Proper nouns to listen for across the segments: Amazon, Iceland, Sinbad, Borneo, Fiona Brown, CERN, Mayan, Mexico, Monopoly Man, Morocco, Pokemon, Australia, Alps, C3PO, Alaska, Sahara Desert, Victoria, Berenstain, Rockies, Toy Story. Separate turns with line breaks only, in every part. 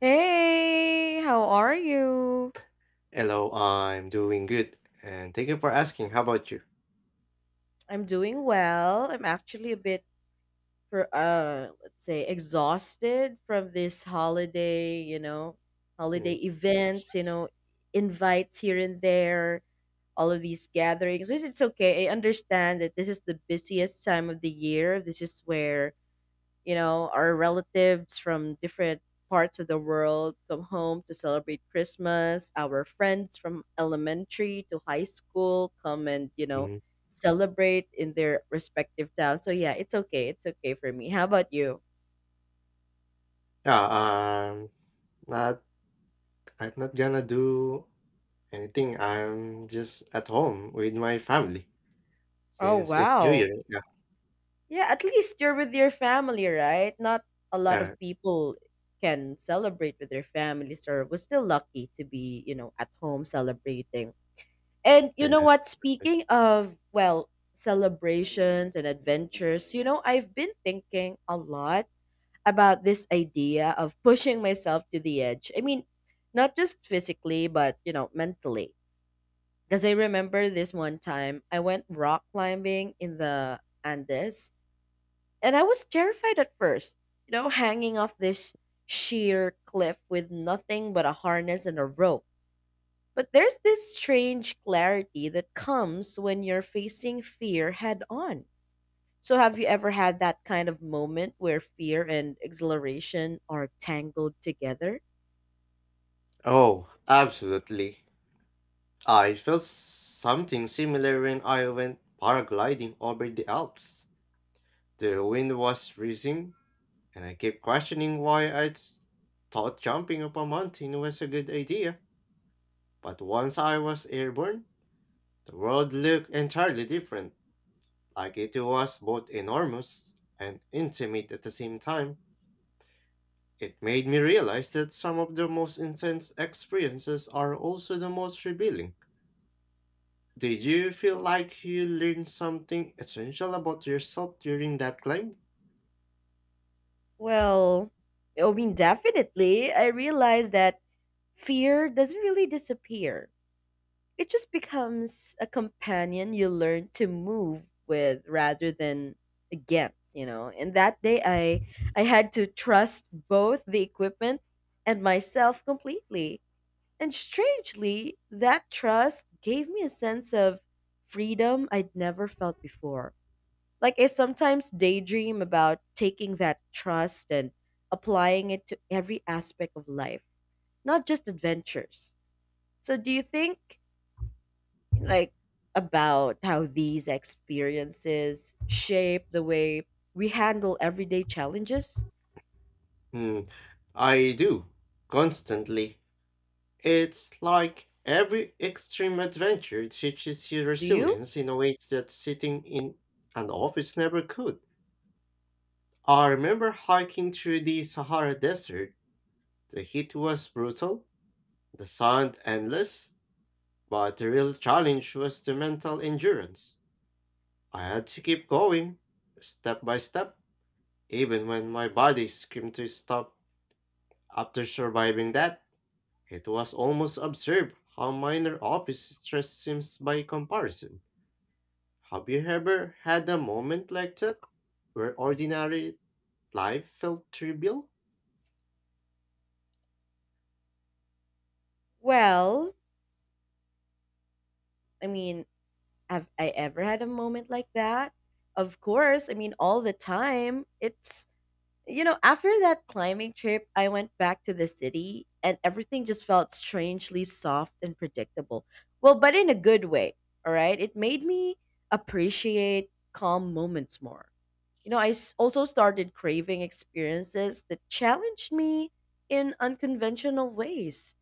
Hey, how are you?
Hello, I'm doing good, and thank you for asking. How about you?
I'm doing well. I'm actually a bit for let's say exhausted from this holiday, holiday
Yeah,
events, invites here and there, all of these gatherings, which is okay. I understand that this is the busiest time of the year. This is where our relatives from different parts of the world come home to celebrate Christmas. Our friends from elementary to high school come and,
mhm.
celebrate in their respective towns. So yeah, it's okay. It's okay for me. How about you?
Yeah, um, not I'm not gonna do anything. I'm just at home with my family
Oh,
since it's New
wow.
Year. Yeah.
Yeah, at least you're with your family, right? Not a lot of
Uh,
people can celebrate with their families or we're still lucky to be, at home celebrating. And you know
yeah.
what? Speaking of, well, celebrations and adventures, I've been thinking a lot about this idea of pushing myself to the edge. I mean, not just physically, but, mentally. Because I remember this one time I went rock climbing in the Andes, and I was terrified at first, hanging off this sheer cliff with nothing but a harness and a rope. But there's this strange clarity that comes when you're facing fear head on. So, have you ever had that kind of moment where fear and exhilaration are tangled together?
Oh, absolutely. I felt something similar when I went paragliding over the Alps. The wind was freezing, and I kept questioning why I thought jumping up a mountain was a good idea. But once I was airborne, the world looked entirely different, like it was both enormous and intimate at the same time. It made me realize that some of the most intense experiences are also the most revealing. Did you feel like you learned something essential about yourself during that climb?
Well, I mean, definitely. I realized that fear doesn't really disappear. It just becomes a companion you learn to move with rather than against. And that day I had to trust both the equipment and myself completely. And strangely, that trust gave me a sense of freedom I'd never felt before. Like I sometimes daydream about taking that trust and applying it to every aspect of life, not just adventures. So do you think like about how these experiences shape the way we handle everyday challenges.
Hmm, I do, constantly. It's like every extreme adventure teaches you
Do you?
resilience in ways that sitting in an office never could. I remember hiking through the Sahara Desert. The heat was brutal, the sun endless, but the real challenge was the mental endurance. I had to keep going, step by step, even when my body screamed to stop. After surviving that, it was almost absurd how minor office stress seems by comparison. Have you ever had a moment like that where ordinary life felt trivial?
Well, I mean, have I ever had a moment like that? Of course. I mean, all the time. After that climbing trip, I went back to the city and everything just felt strangely soft and predictable. Well, but in a good way, all right? It made me appreciate calm moments more. I also started craving experiences that challenged me in unconventional ways.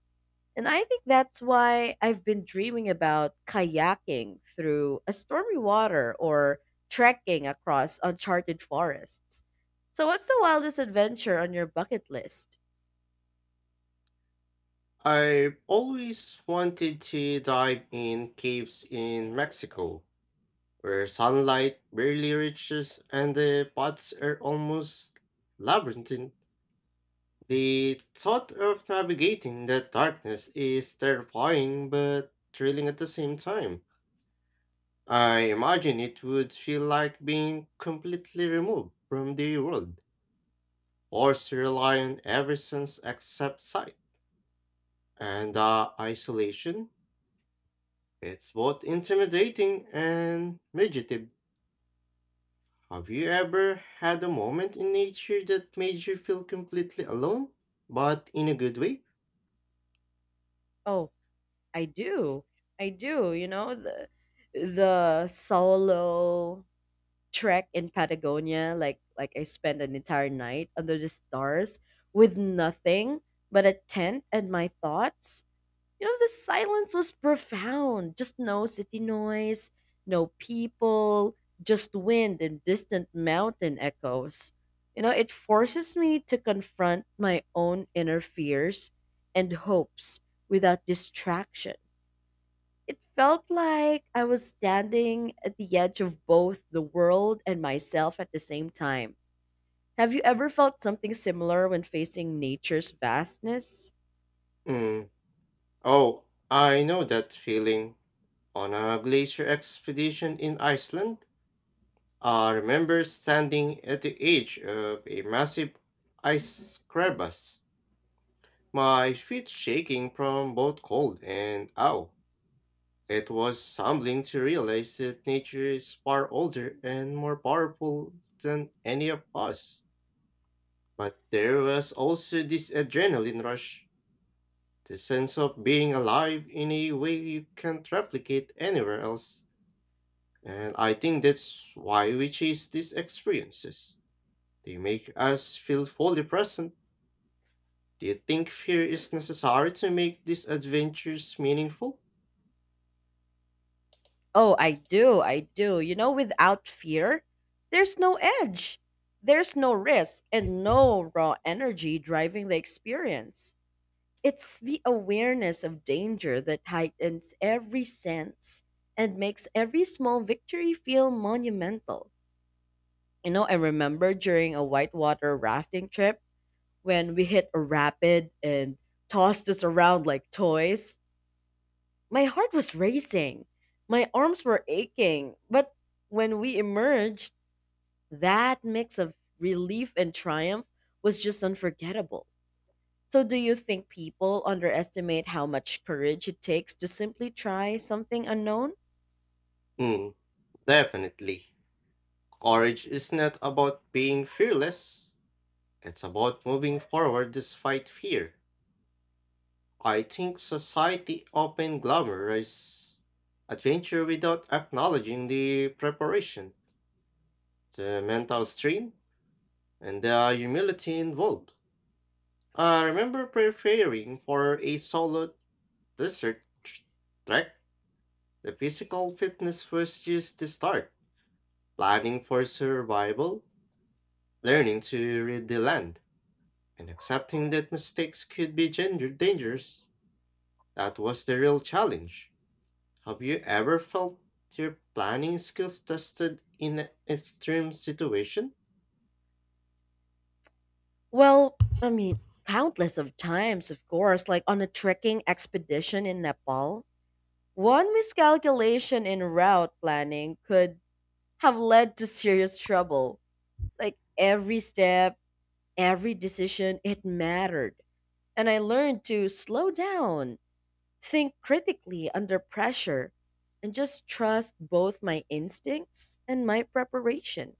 And I think that's why I've been dreaming about kayaking through a stormy water or trekking across uncharted forests. So, what's the wildest adventure on your bucket list?
I've always wanted to dive in caves in Mexico where sunlight barely reaches and the paths are almost labyrinthine. The thought of navigating that darkness is terrifying but thrilling at the same time. I imagine it would feel like being completely removed from the world. Horse rely on every sense except sight, and the isolation. It's both intimidating and meditative. Have you ever had a moment in nature that made you feel completely alone, but in a good way?
Oh, I do. I do. The solo trek in Patagonia, like I spent an entire night under the stars with nothing but a tent and my thoughts. The silence was profound. Just no city noise, no people, just wind and distant mountain echoes. It forces me to confront my own inner fears and hopes without distraction. It felt like I was standing at the edge of both the world and myself at the same time. Have you ever felt something similar when facing nature's vastness?
Mm. Oh, I know that feeling. On a glacier expedition in Iceland, I remember standing at the edge of a massive ice crevasse. My feet shaking from both cold and ow. It was humbling to realize that nature is far older and more powerful than any of us. But there was also this adrenaline rush, the sense of being alive in a way you can't replicate anywhere else. And I think that's why we chase these experiences. They make us feel fully present. Do you think fear is necessary to make these adventures meaningful?
Oh, I do. I do. Without fear, there's no edge, there's no risk, and no raw energy driving the experience. It's the awareness of danger that heightens every sense and makes every small victory feel monumental. I remember during a whitewater rafting trip when we hit a rapid and tossed us around like toys. My heart was racing. My arms were aching. But when we emerged, that mix of relief and triumph was just unforgettable. So, do you think people underestimate how much courage it takes to simply try something unknown?
Hmm. Definitely. Courage is not about being fearless, it's about moving forward despite fear. I think society often glamorizes adventure without acknowledging the preparation, the mental strain, and the humility involved. I remember preparing for a solo desert tr- trek. The physical fitness was just the start, planning for survival, learning to read the land, and accepting that mistakes could be gender dangerous. That was the real challenge. Have you ever felt your planning skills tested in an extreme situation?
Well, I mean, countless of times, of course, like on a trekking expedition in Nepal. One miscalculation in route planning could have led to serious trouble. Like every step, every decision, it mattered. And I learned to slow down, think critically under pressure, and just trust both my instincts and my preparation.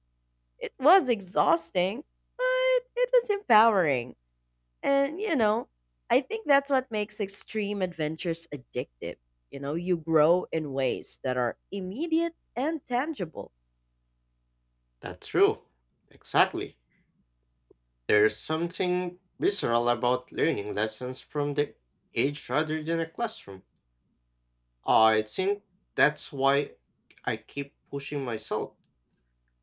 It was exhausting, but it was empowering. And, I think that's what makes extreme adventures addictive. You grow in ways that are immediate and tangible.
That's true. Exactly. There's something visceral about learning lessons from the edge rather than a classroom. I think that's why I keep pushing myself.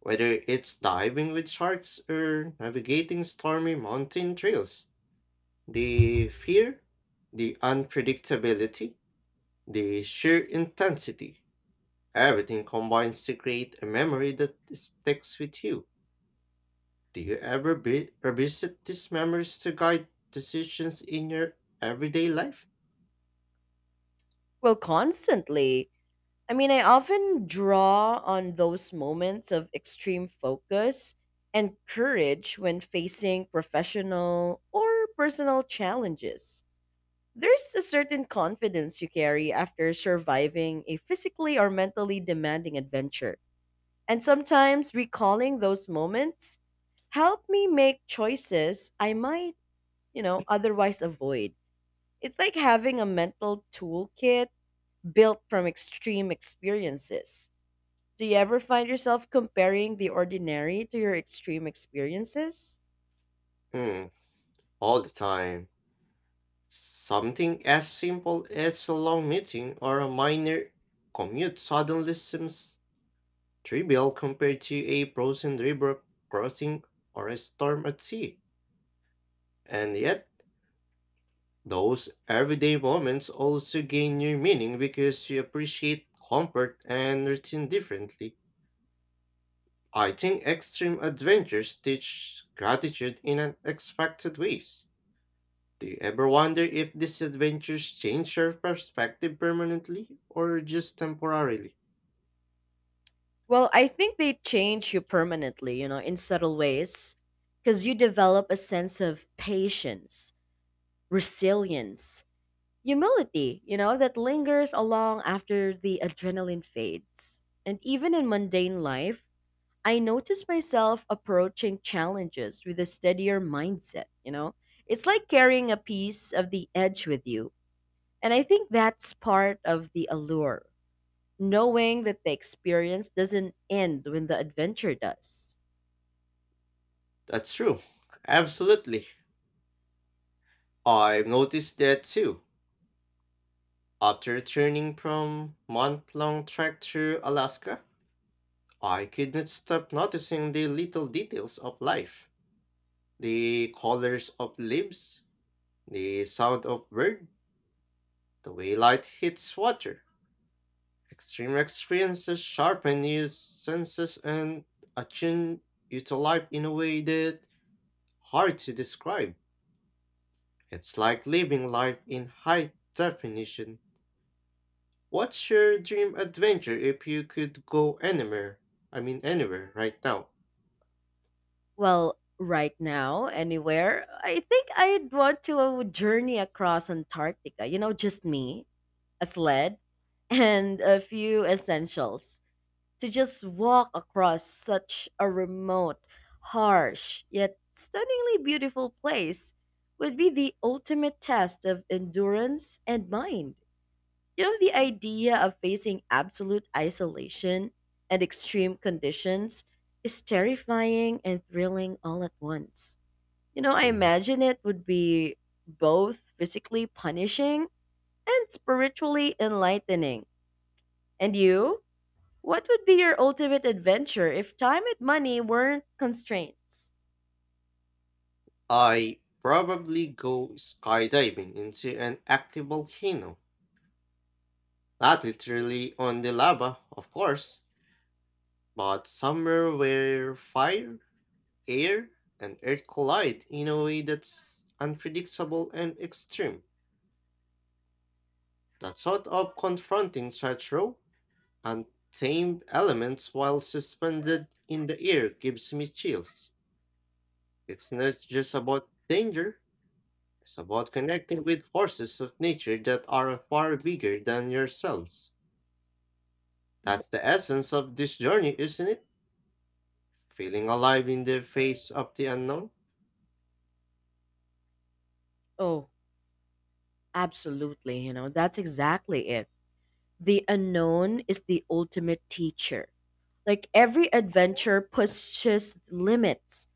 Whether it's diving with sharks or navigating stormy mountain trails, the fear, the unpredictability, the sheer intensity, everything combines to create a memory that sticks with you. Do you ever revisit these memories to guide decisions in your everyday life?
Well, constantly I mean, I often draw on those moments of extreme focus and courage when facing professional or personal challenges. There's a certain confidence you carry after surviving a physically or mentally demanding adventure. And sometimes recalling those moments help me make choices I might, otherwise avoid. It's like having a mental toolkit built from extreme experiences. Do you ever find yourself comparing the ordinary to your extreme experiences?
Hmm, all the time. Something as simple as a long meeting or a minor commute suddenly seems trivial compared to a frozen river crossing or a storm at sea. And yet, those everyday moments also gain new meaning because you appreciate comfort and routine differently. I think extreme adventures teach gratitude in unexpected ways. Do you ever wonder if these adventures change your perspective permanently or just temporarily?
Well, I think they change you permanently, in subtle ways, because you develop a sense of patience, resilience, humility, that lingers along after the adrenaline fades. And even in mundane life, I notice myself approaching challenges with a steadier mindset, you know? It's like carrying a piece of the edge with you. And I think that's part of the allure, knowing that the experience doesn't end when the adventure does.
That's true. Absolutely. I've noticed that too. After returning from month-long trek through Alaska, I could not stop noticing the little details of life. The colors of leaves, the sound of bird, the way light hits water. Extreme experiences sharpen your senses and attune you to life in a way that hard to describe. It's like living life in high definition. What's your dream adventure if you could go anywhere? I mean anywhere right now.
Well, right now, anywhere, I think I'd want to journey across Antarctica. Just me, a sled, and a few essentials to just walk across such a remote, harsh, yet stunningly beautiful place would be the ultimate test of endurance and mind. The idea of facing absolute isolation and extreme conditions is terrifying and thrilling all at once. I
Hmm.
imagine it would be both physically punishing and spiritually enlightening. And you? What would be your ultimate adventure if time and money weren't constraints?
I probably go skydiving into an active volcano. Not literally on the lava, of course, but somewhere where fire, air, and earth collide in a way that's unpredictable and extreme. That sort of confronting such raw, untamed elements while suspended in the air gives me chills. It's not just about danger, it's about connecting with forces of nature that are far bigger than yourselves. That's the essence of this journey, isn't it? Feeling alive in the face of the unknown?
Oh, absolutely. That's exactly it. The unknown is the ultimate teacher. Like every adventure pushes limits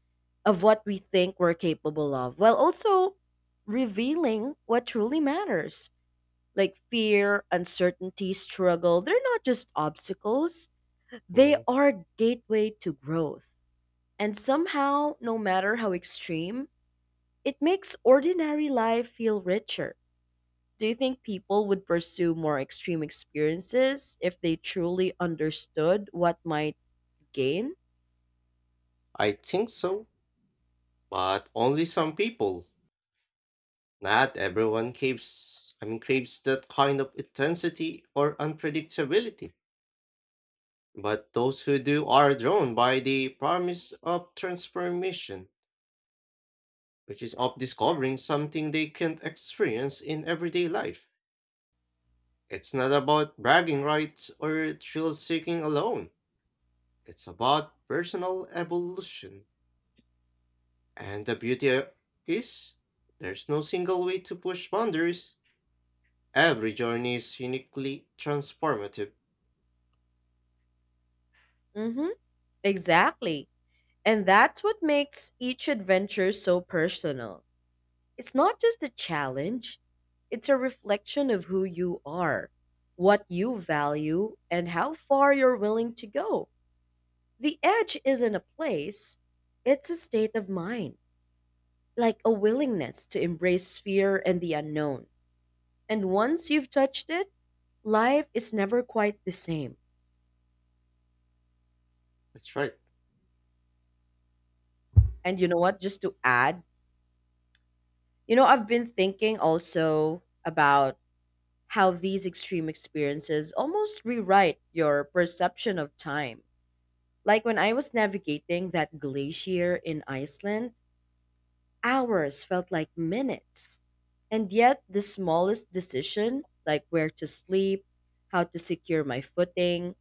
of what we think we're capable of, while also revealing what truly matters. Like fear, uncertainty, struggle, they're not just obstacles, they
Mm,
are gateway to growth. And somehow, no matter how extreme, it makes ordinary life feel richer. Do you think people would pursue more extreme experiences if they truly understood what might gain?
I think so, but only some people. Not everyone craves that kind of intensity or unpredictability. But those who do are drawn by the promise of transformation, which is of discovering something they can't experience in everyday life. It's not about bragging rights or thrill seeking alone. It's about personal evolution. And the beauty is, there's no single way to push boundaries. Every journey is uniquely transformative.
hmm Exactly. And that's what makes each adventure so personal. It's not just a challenge, it's a reflection of who you are, what you value, and how far you're willing to go. The edge isn't a place, it's a state of mind, like a willingness to embrace fear and the unknown. And once you've touched it, life is never quite the same.
That's right.
And you know what? Just to add, I've been thinking also about how these extreme experiences almost rewrite your perception of time. Like when I was navigating that glacier in Iceland, hours felt like minutes. And yet, the smallest decision, like where to sleep, how to secure my footing,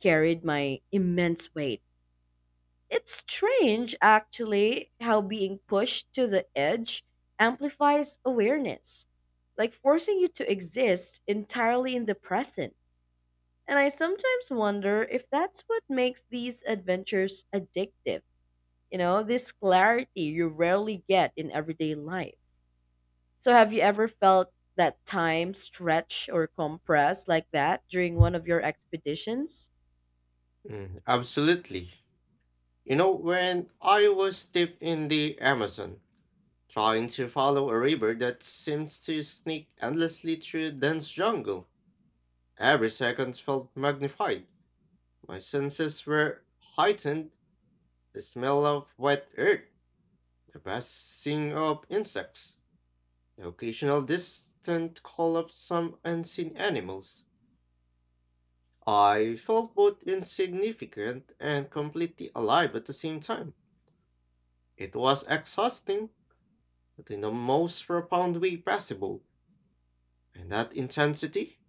carried my immense weight. It's strange, actually, how being pushed to the edge amplifies awareness, like forcing you to exist entirely in the present. And I sometimes wonder if that's what makes these adventures addictive. This clarity you rarely get in everyday life. So, have you ever felt that time stretch or compress like that during one of your expeditions?
Mm, absolutely. You know, when I was deep in the Amazon, trying to follow a river that seems to sneak endlessly through dense jungle, every second felt magnified. My senses were heightened, the smell of wet earth, the buzzing of insects, the occasional distant call of some unseen animals. I felt both insignificant and completely alive at the same time. It was exhausting, but in the most profound way possible. And that intensity,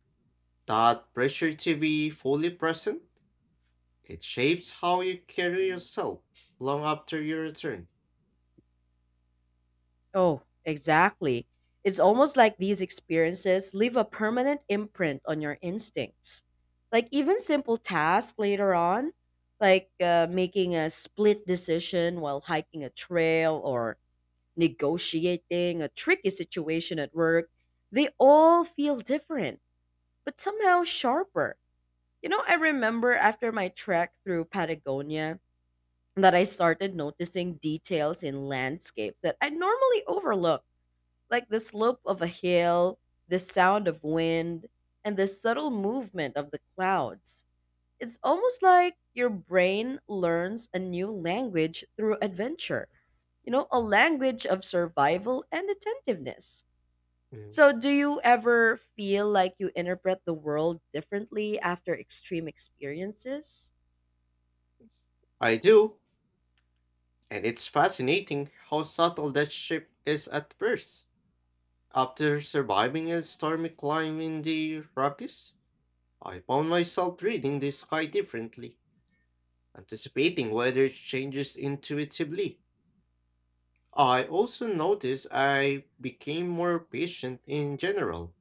that pressure to be fully present, it shapes how you carry yourself long after your return.
Oh, exactly. It's almost like these experiences leave a permanent imprint on your instincts. Like, even simple tasks later on, like making a split decision while hiking a trail or negotiating a tricky situation at work, they all feel different, but somehow sharper. I remember after my trek through Patagonia that I started noticing details in landscapes that I normally overlook, like the slope of a hill, the sound of wind, and the subtle movement of the clouds. It's almost like your brain learns a new language through adventure, a language of survival and attentiveness.
Mm.
So, do you ever feel like you interpret the world differently after extreme experiences?
I do, and it's fascinating how subtle that shift is at first. After surviving a stormy climb in the Rockies, I found myself reading the sky differently, anticipating weather changes intuitively. I also noticed I became more patient in general,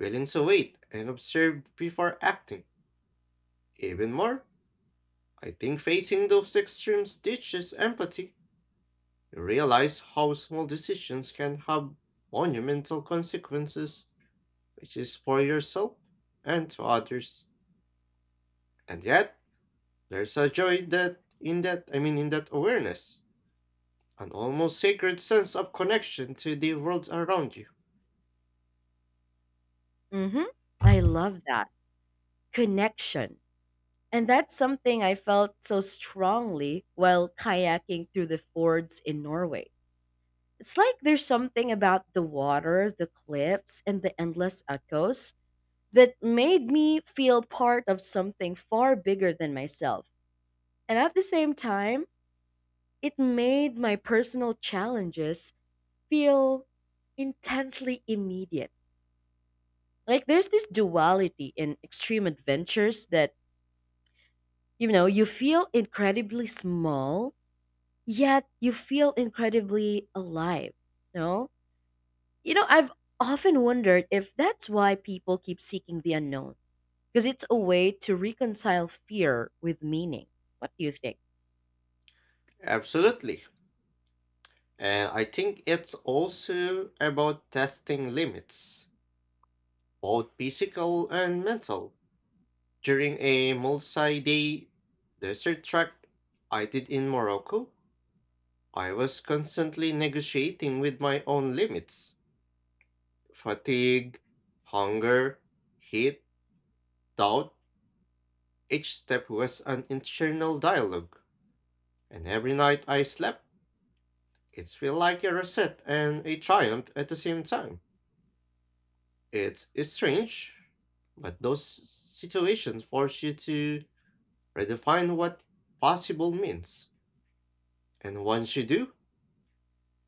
willing to wait and observe before acting. Even more, I think facing those extremes teaches empathy. You realize how small decisions can have monumental consequences, which is for yourself and to others. And yet there's a joy that in that I mean in that awareness, an almost sacred sense of connection to the world around you.
Mm-hmm. I love that. Connection. And that's something I felt so strongly while kayaking through the fords in Norway. It's like there's something about the water, the cliffs, and the endless echoes that made me feel part of something far bigger than myself. And at the same time, it made my personal challenges feel intensely immediate. Like there's this duality in extreme adventures that, you feel incredibly small, yet you feel incredibly alive. No? I've often wondered if that's why people keep seeking the unknown, because it's a way to reconcile fear with meaning. What do you think?
Absolutely. And I think it's also about testing limits, both physical and mental. During a multi day desert trek I did in Morocco, I was constantly negotiating with my own limits, fatigue, hunger, heat, doubt. Each step was an internal dialogue, and every night I slept, it felt like a reset and a triumph at the same time. It's strange, but those situations force you to redefine what possible means. And once you do,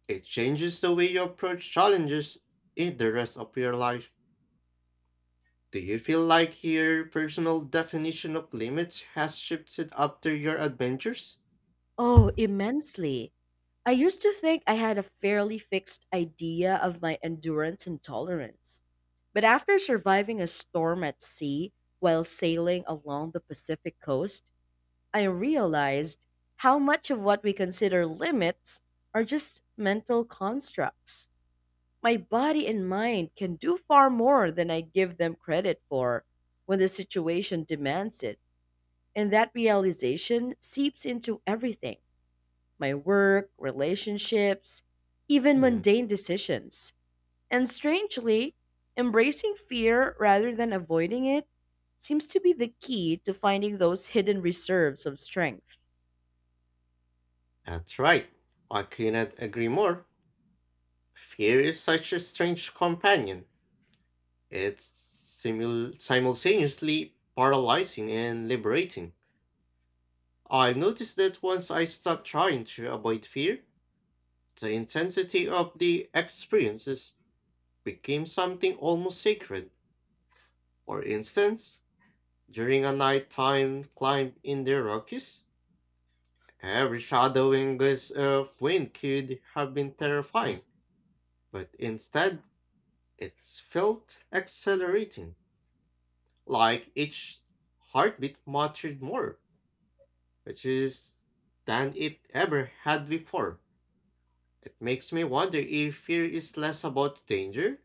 it changes the way you approach challenges in the rest of your life. Do you feel like your personal definition of limits has shifted after your adventures?
Oh, immensely. I used to think I had a fairly fixed idea of my endurance and tolerance. But after surviving a storm at sea while sailing along the Pacific coast, I realized how much of what we consider limits are just mental constructs. My body and mind can do far more than I give them credit for when the situation demands it. And that realization seeps into everything, my work, relationships, even
Hmm,
mundane decisions. And strangely, embracing fear rather than avoiding it seems to be the key to finding those hidden reserves of strength.
that's right. I cannot agree more. Fear is such a strange companion. It's simultaneously paralyzing and liberating. I noticed that once I stopped trying to avoid fear, the intensity of the experiences became something almost sacred. For instance, during a nighttime climb in the Rockies, every shadow and gust of wind could have been terrifying, but instead, it felt exhilarating. Like each heartbeat mattered more, which is than it ever had before. It makes me wonder if fear is less about danger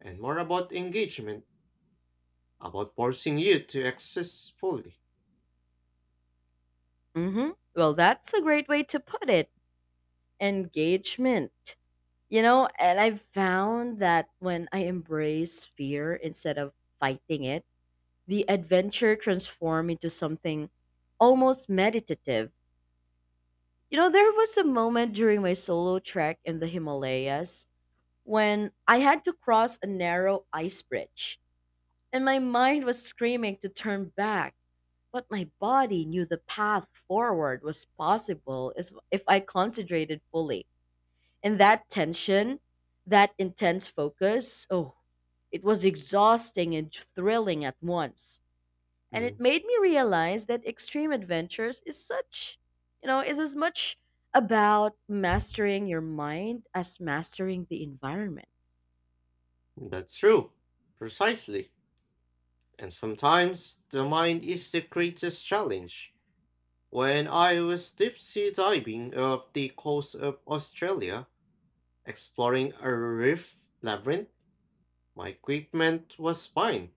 and more about engagement, about forcing you to access fully.
hmm Well, that's a great way to put it, engagement. And I've found that when I embrace fear instead of fighting it, the adventure transformed into something almost meditative. There was a moment during my solo trek in the Himalayas when I had to cross a narrow ice bridge, and my mind was screaming to turn back, but my body knew the path forward was possible if I concentrated fully. And that tension, that intense focus, oh, it was exhausting and thrilling at once. And it
Mm,
made me realize that extreme adventures is as much about mastering your mind as mastering the environment.
that's true. Precisely. And sometimes the mind is the greatest challenge. When I was deep sea diving off the coast of Australia, exploring a reef labyrinth, my equipment was fine,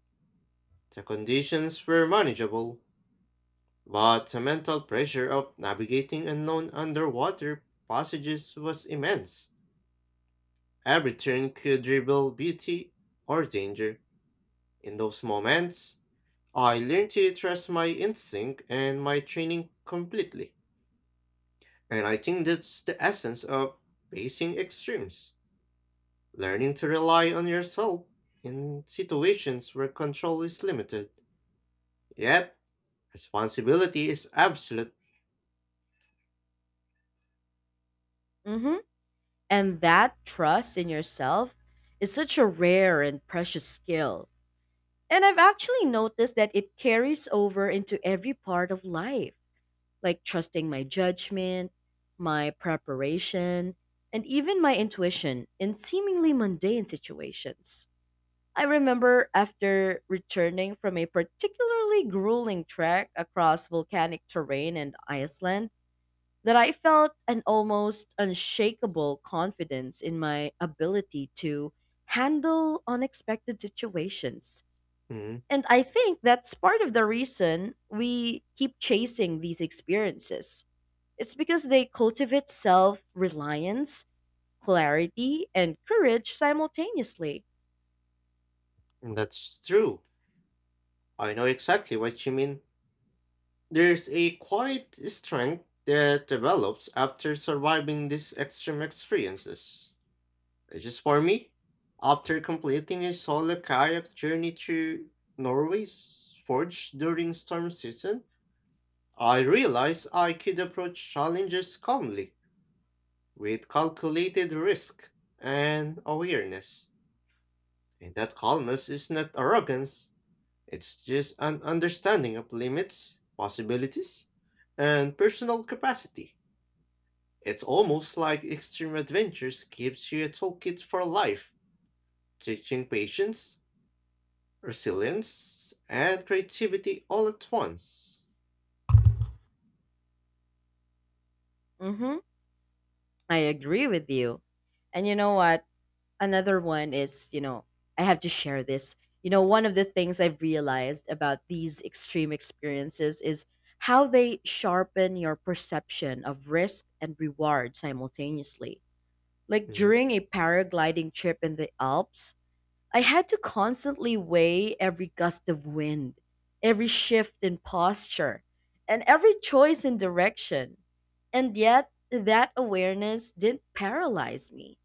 the conditions were manageable, but the mental pressure of navigating unknown underwater passages was immense. Every turn could reveal beauty or danger. In those moments, I learned to trust my instinct and my training completely. And I think that's the essence of facing extremes, learning to rely on yourself in situations where control is limited. Yet, responsibility is absolute.
hmm and that trust in yourself is such a rare and precious skill, and I've actually noticed that it carries over into every part of life, like trusting my judgment, my preparation, and even my intuition in seemingly mundane situations. I remember after returning from a particularly grueling trek across volcanic terrain in Iceland that I felt an almost unshakable confidence in my ability to handle unexpected situations.
Mm,
And I think that's part of the reason we keep chasing these experiences. It's because they cultivate self reliance, clarity, and courage simultaneously.
and that's true. I know exactly what you mean. There's a quiet strength that develops after surviving these extreme experiences. Which is for me, after completing a solo kayak journey through Norway's forge during storm season, I realized I could approach challenges calmly, with calculated risk and awareness. And that calmness is not arrogance, it's just an understanding of limits, possibilities, and personal capacity. It's almost like extreme adventures gives you a toolkit for life, teaching patience, resilience, and creativity all at once.
hmm I agree with you. And you know what? Another one is, I have to share this. One of the things I've realized about these extreme experiences is how they sharpen your perception of risk and reward simultaneously. Like
Mhm,
during a paragliding trip in the Alps, I had to constantly weigh every gust of wind, every shift in posture, and every choice in direction. And yet, that awareness didn't paralyze me.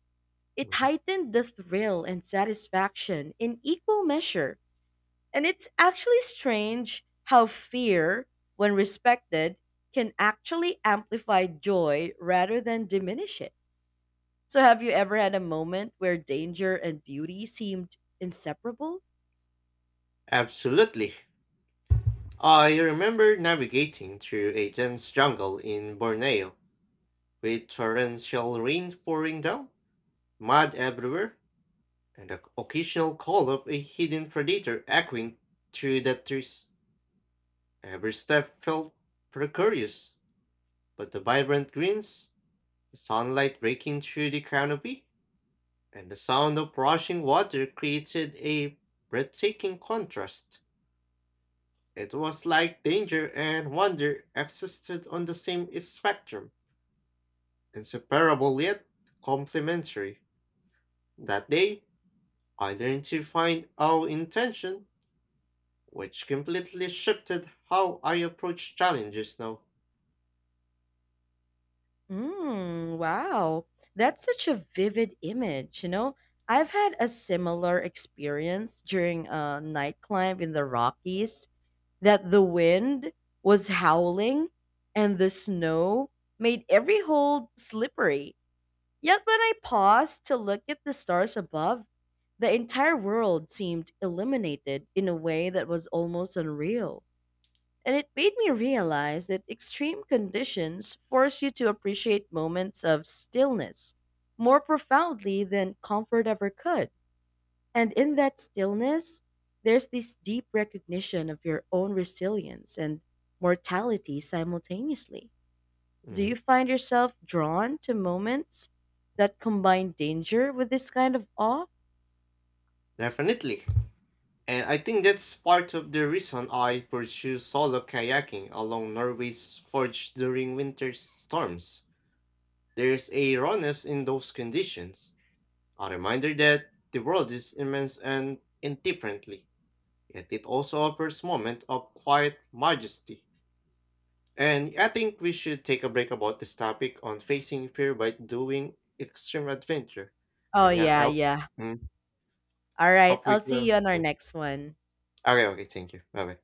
It
mhm.
heightened the thrill and satisfaction in equal measure. And it's actually strange how fear, when respected, can actually amplify joy rather than diminish it. So, have you ever had a moment where danger and beauty seemed inseparable?
Absolutely. I remember navigating through a dense jungle in Borneo with torrential rain pouring down, mud everywhere, and the occasional call of a hidden predator echoing through the trees. Every step felt precarious, but the vibrant greens, the sunlight breaking through the canopy, and the sound of rushing water created a breathtaking contrast. It was like danger and wonder existed on the same spectrum, inseparable yet complementary. That day, I learned to find all intention, which completely shifted how I approach challenges now.
Mm, wow. That's such a vivid image, you know? I've had a similar experience during a night climb in the Rockies that the wind was howling and the snow made every hold slippery. Yet when I paused to look at the stars above, the entire world seemed illuminated in a way that was almost unreal. And it made me realize that extreme conditions force you to appreciate moments of stillness more profoundly than comfort ever could. And in that stillness, there's this deep recognition of your own resilience and mortality simultaneously. Do
Mm.
you find yourself drawn to moments that combine danger with this kind of awe?
Definitely. And I think that's part of the reason I pursue solo kayaking along Norway's forge during winter storms. There's a rawness in those conditions, a reminder that the world is immense and indifferently, yet it also offers moments of quiet majesty. And I think we should take a break about this topic on facing fear by doing extreme adventure.
Oh,
And yeah, I
yeah,
hope,
yeah.
mm,
All right.
hope
I'll
we
see you
will.
on our
Mm.
next one.
Okay, okay, thank you. Bye bye.